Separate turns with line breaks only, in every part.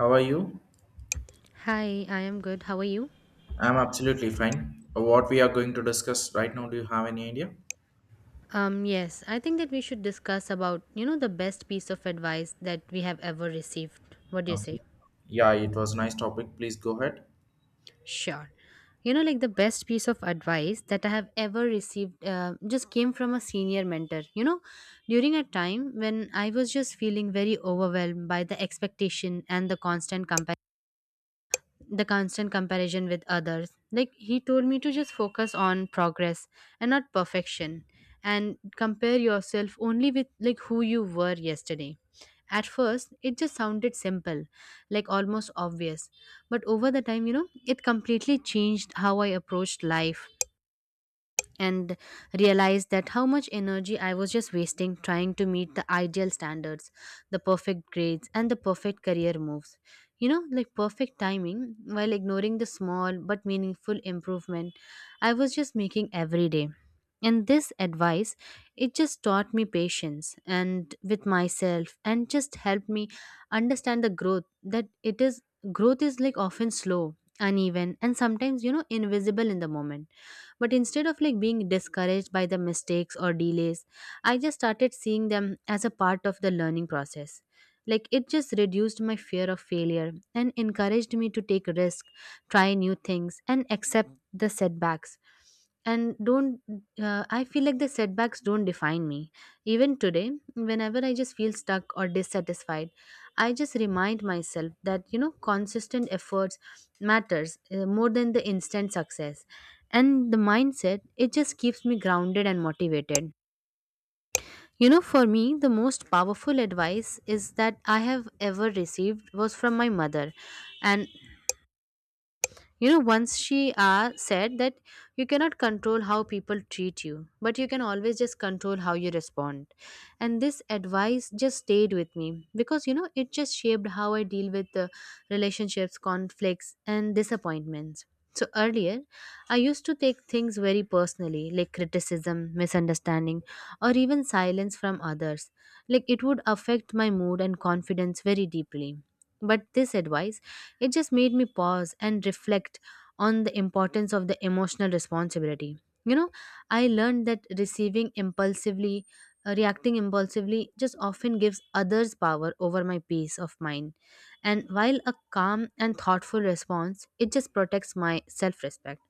How are you?
Hi, I am good. How are you?
I'm absolutely fine. What we are going to discuss right now, do you have any idea?
Yes, I think that we should discuss about, you know, the best piece of advice that we have ever received. What do you
Okay.
say?
Yeah, it was nice topic. Please go ahead.
Sure. You know, like the best piece of advice that I have ever received just came from a senior mentor. You know, during a time when I was just feeling very overwhelmed by the expectation and the constant comparison with others. Like he told me to just focus on progress and not perfection and compare yourself only with like who you were yesterday. At first, it just sounded simple, like almost obvious. But over the time, you know, it completely changed how I approached life and realized that how much energy I was just wasting trying to meet the ideal standards, the perfect grades, and the perfect career moves. You know, like perfect timing while ignoring the small but meaningful improvement I was just making every day. And this advice, it just taught me patience and with myself and just helped me understand the growth that it is growth is like often slow, uneven, and sometimes, you know, invisible in the moment. But instead of like being discouraged by the mistakes or delays, I just started seeing them as a part of the learning process. Like it just reduced my fear of failure and encouraged me to take risks, try new things, and accept the setbacks and don't I feel like the setbacks don't define me. Even today, whenever I just feel stuck or dissatisfied, I just remind myself that, you know, consistent effort matters, more than the instant success. And the mindset, it just keeps me grounded and motivated. You know, for me the most powerful advice is that I have ever received was from my mother. And you know, once she said that you cannot control how people treat you, but you can always just control how you respond. And this advice just stayed with me because, you know, it just shaped how I deal with relationships, conflicts, and disappointments. So earlier, I used to take things very personally, like criticism, misunderstanding, or even silence from others. Like it would affect my mood and confidence very deeply. But this advice, it just made me pause and reflect on the importance of the emotional responsibility. You know, I learned that reacting impulsively just often gives others power over my peace of mind. And while a calm and thoughtful response, it just protects my self respect.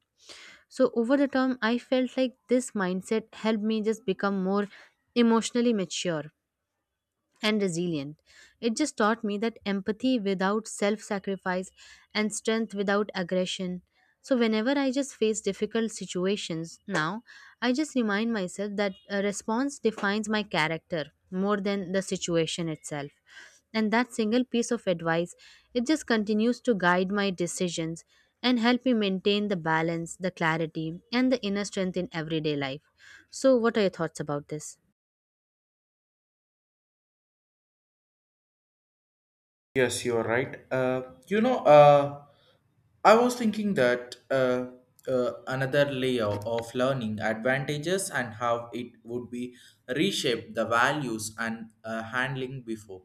So over the term, I felt like this mindset helped me just become more emotionally mature and resilient. It just taught me that empathy without self sacrifice and strength without aggression. So, whenever I just face difficult situations now, I just remind myself that a response defines my character more than the situation itself. And that single piece of advice, it just continues to guide my decisions and help me maintain the balance, the clarity, and the inner strength in everyday life. So, what are your thoughts about this?
Yes, you are right. You know, I was thinking that another layer of learning advantages and how it would be reshape the values and handling before.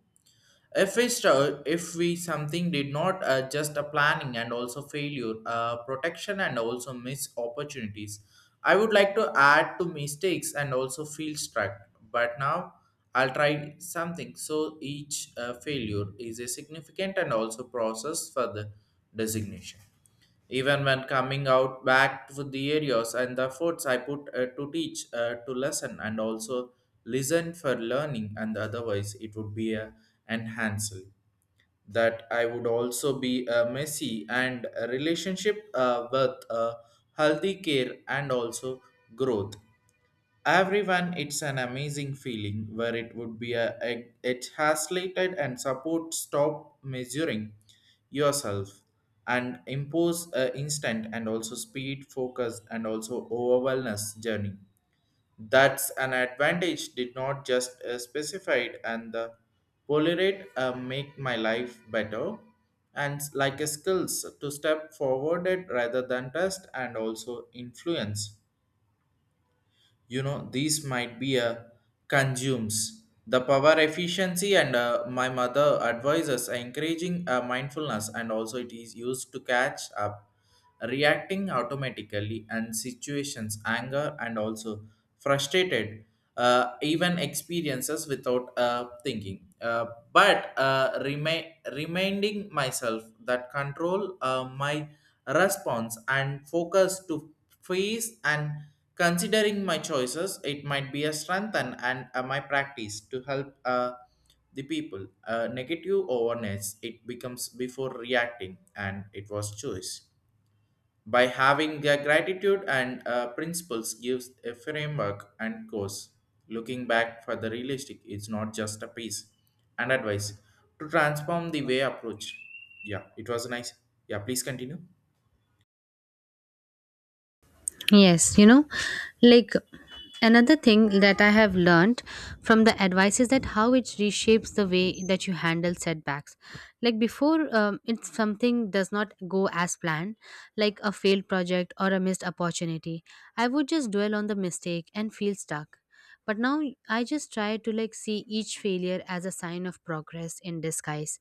If we if we something did not just a planning and also failure, protection and also miss opportunities. I would like to add to mistakes and also feel struck. But now I'll try something. So each failure is a significant and also process for the designation. Even when coming out back with the areas and the efforts I put to teach, to lesson, and also listen for learning, and otherwise it would be a enhanced. That I would also be a messy and a relationship with a healthy care and also growth. Everyone, it's an amazing feeling where it would be a it has slated and support stop measuring yourself and impose a instant and also speed focus and also overwhelmness journey. That's an advantage did not just specified and the polarate make my life better and like a skills to step forward rather than test and also influence, you know, these might be a consumes the power efficiency and my mother advises encouraging mindfulness and also it is used to catch up reacting automatically and situations anger and also frustrated, even experiences without thinking but reminding myself that control my response and focus to face and considering my choices, it might be a strength and my practice to help the people. Negative awareness, it becomes before reacting, and it was choice. By having the gratitude and principles gives a framework and course. Looking back for the realistic, it's not just a piece and advice to transform the way approach. Yeah, it was nice. Yeah, please continue.
Yes, you know, like another thing that I have learned from the advice is that how it reshapes the way that you handle setbacks. Like before, if something does not go as planned, like a failed project or a missed opportunity. I would just dwell on the mistake and feel stuck. But now I just try to like see each failure as a sign of progress in disguise.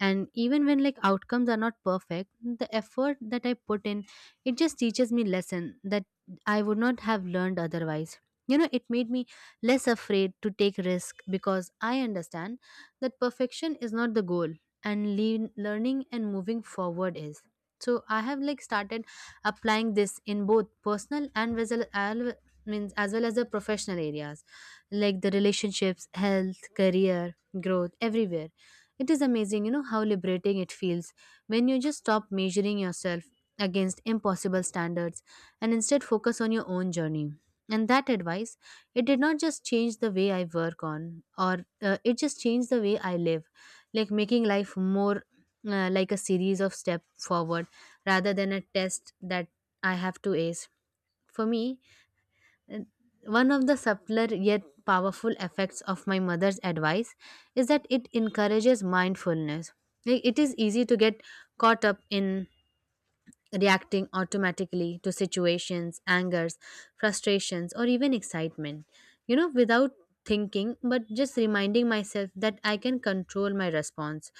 And even when like outcomes are not perfect, the effort that I put in, it just teaches me lesson that I would not have learned otherwise. You know, it made me less afraid to take risk because I understand that perfection is not the goal and learning and moving forward is. So I have like started applying this in both personal and as well, al- means as well as the professional areas, like the relationships, health, career, growth, everywhere. It is amazing, you know, how liberating it feels when you just stop measuring yourself against impossible standards and instead focus on your own journey. And that advice, it did not just change the way I work on or it just changed the way I live, like making life more like a series of step forward rather than a test that I have to ace. For me, uh, one of the subtler yet powerful effects of my mother's advice is that it encourages mindfulness. Like it is easy to get caught up in reacting automatically to situations, angers, frustrations, or even excitement, you know, without thinking, but just reminding myself that I can control my response.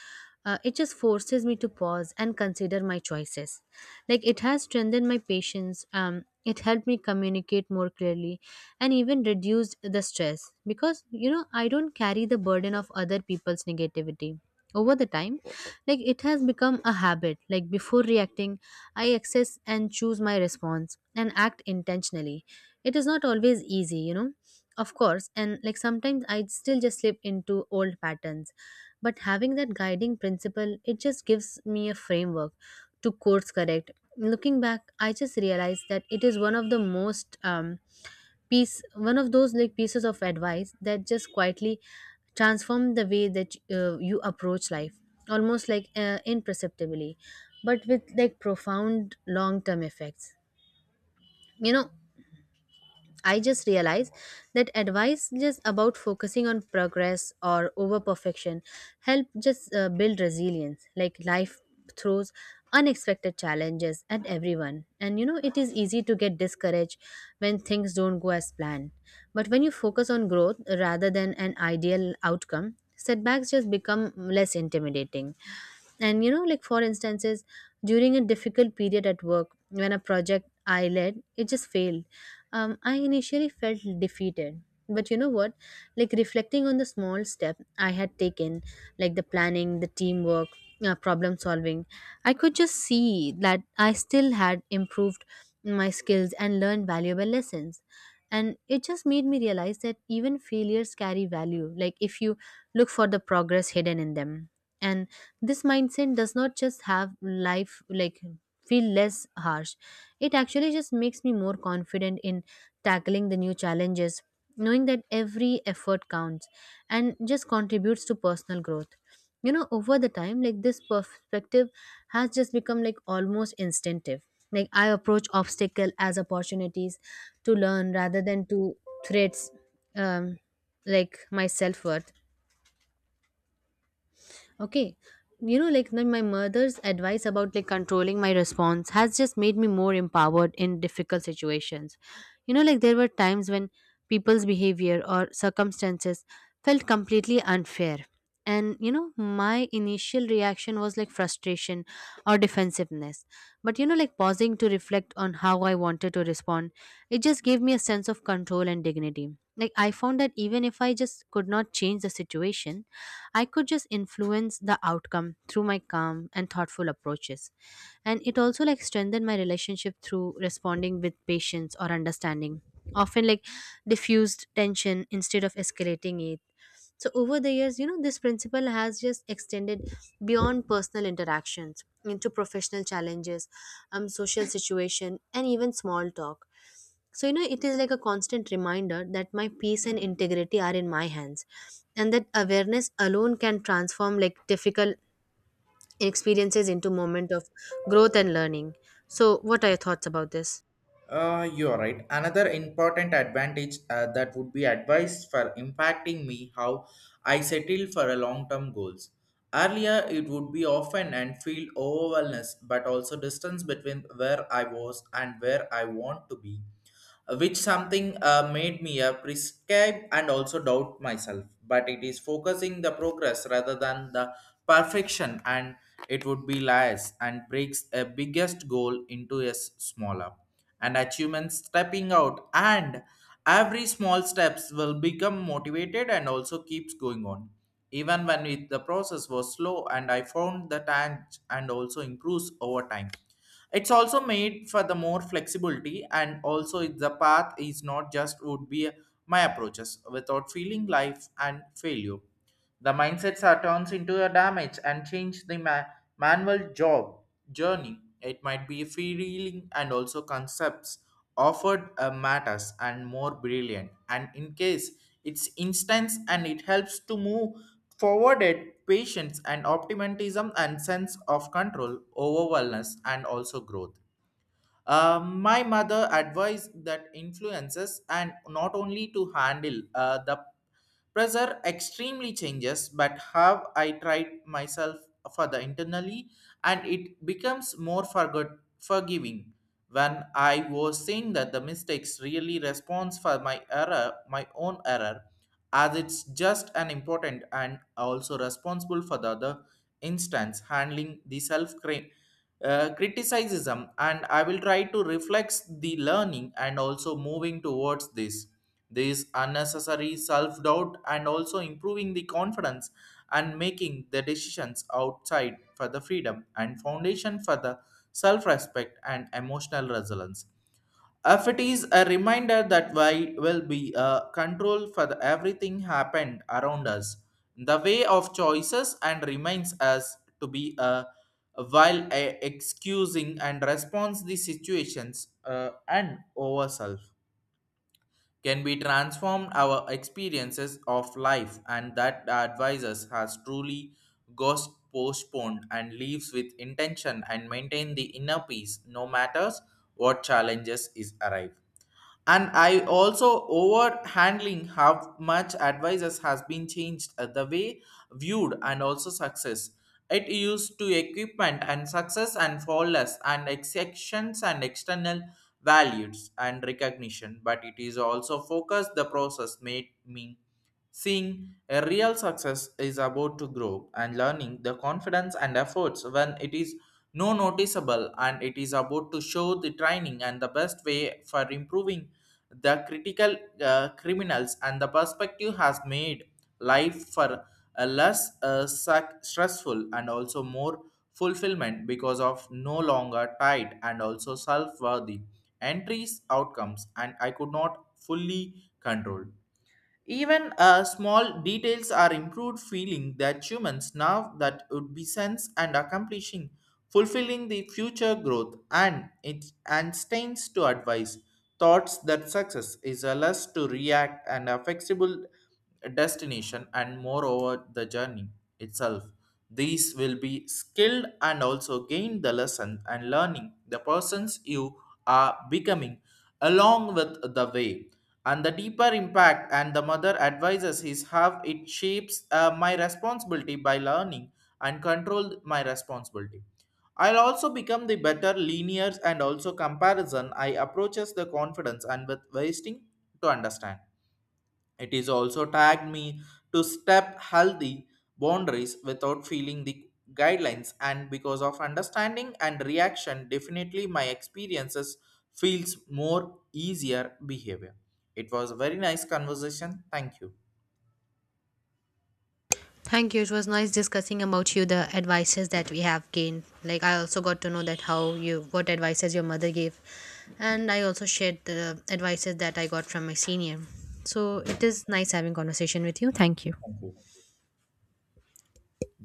It just forces me to pause and consider my choices. Like it has strengthened my patience. It helped me communicate more clearly and even reduced the stress because, you know, I don't carry the burden of other people's negativity. Over the time, like it has become a habit. Like before reacting, I access and choose my response and act intentionally. It is not always easy, you know. Of course, and like sometimes I still just slip into old patterns. But having that guiding principle, it just gives me a framework to course correct. Looking back, I just realized that it is one of the most piece one of those like pieces of advice that just quietly transform the way that you approach life, almost like imperceptibly but with like profound long term effects. You know, I just realized that advice just about focusing on progress or over perfection help just build resilience. Like life throws unexpected challenges at everyone, and you know it is easy to get discouraged when things don't go as planned. But when you focus on growth rather than an ideal outcome, setbacks just become less intimidating. And you know, like for instances, during a difficult period at work when a project I led it just failed, I initially felt defeated. But you know what, like reflecting on the small step I had taken, like the planning, the teamwork, problem solving, I could just see that I still had improved my skills and learned valuable lessons. And it just made me realize that even failures carry value, like if you look for the progress hidden in them. And this mindset does not just have life like feel less harsh, it actually just makes me more confident in tackling the new challenges, knowing that every effort counts and just contributes to personal growth. You know, over the time, like this perspective has just become like almost instinctive. Like I approach obstacle as opportunities to learn rather than to threats. um, like my self-worth. Okay. You know, like my mother's advice about like controlling my response has just made me more empowered in difficult situations. You know, like there were times when people's behavior or circumstances felt completely unfair. And you know, my initial reaction was like frustration or defensiveness. But you know, like pausing to reflect on how I wanted to respond, it just gave me a sense of control and dignity. Like I found that even if I just could not change the situation, I could just influence the outcome through my calm and thoughtful approaches. And it also like strengthened my relationship through responding with patience or understanding, often like diffused tension instead of escalating it. So over the years, you know, this principle has just extended beyond personal interactions into professional challenges, social situation, and even small talk. So, you know, it is like a constant reminder that my peace and integrity are in my hands, and that awareness alone can transform like difficult experiences into moment of growth and learning. So, what are your thoughts about this?
You're right. Another important advantage that would be advised for impacting me how I settle for a long-term goals. Earlier, it would be often and feel overwhelmed, but also distance between where I was and where I want to be, which something made me a prescribe and also doubt myself, but it is focusing the progress rather than the perfection, and it would be lies and breaks a biggest goal into a smaller and achievement stepping out, and every small steps will become motivated and also keeps going on even when it, the process was slow and I found the time and also improves over time. It's also made for the more flexibility and also the path is not just would be my approaches without feeling life and failure. The mindsets are turns into a damage and change the manual job journey. It might be feeling and also concepts offered matters and more brilliant. And in case it's instance and it helps to move forwarded patience and optimism and sense of control over wellness and also growth. Uh, my mother advised that influences and not only to handle the pressure extremely changes, but have I tried myself further internally, and it becomes more forgiving. When I was saying that the mistakes really responds for my error, my own error, as it's just an important and also responsible for the other instance handling the self criticism, and I will try to reflect the learning and also moving towards this unnecessary self doubt and also improving the confidence and making the decisions outside for the freedom and foundation for the self respect and emotional resilience. If it is a reminder that why will be a control for the everything happened around us, the way of choices and reminds us to be a while excusing and responds the situations and ourself can be transformed our experiences of life, and that advisors has truly ghost postponed and leaves with intention and maintain the inner peace no matters what challenges is arrive. And I also over handling how much advisors has been changed the way viewed and also success. It used to equipment and success and flawless and exceptions and external values and recognition, but it is also focused the process made me seeing a real success is about to grow and learning the confidence and efforts when it is no noticeable, and it is about to show the training and the best way for improving the critical criminals, and the perspective has made life for a less stressful and also more fulfillment because of no longer tied and also self-worthy entries outcomes, and I could not fully control even small details are improved feeling that humans now that would be sense and accomplishing, fulfilling the future growth and it and stains to advise thoughts that success is a less to react and a flexible destination and moreover the journey itself. These will be skilled and also gain the lesson and learning the persons you are becoming along with the way, and the deeper impact and the mother advises is how it shapes my responsibility by learning and control my responsibility. I'll also become the better linears and also comparison I approaches the confidence and with wasting to understand. It is also tagged me to step healthy boundaries without feeling the guidelines, and because of understanding and reaction definitely my experiences feels more easier behavior. It was a very nice conversation. Thank you.
Thank you. It was nice discussing about you the advices that we have gained. Like I also got to know that how you what advices your mother gave, and I also shared the advices that I got from my senior. So
Yeah,
it is nice having conversation with you. Thank you.
thank you.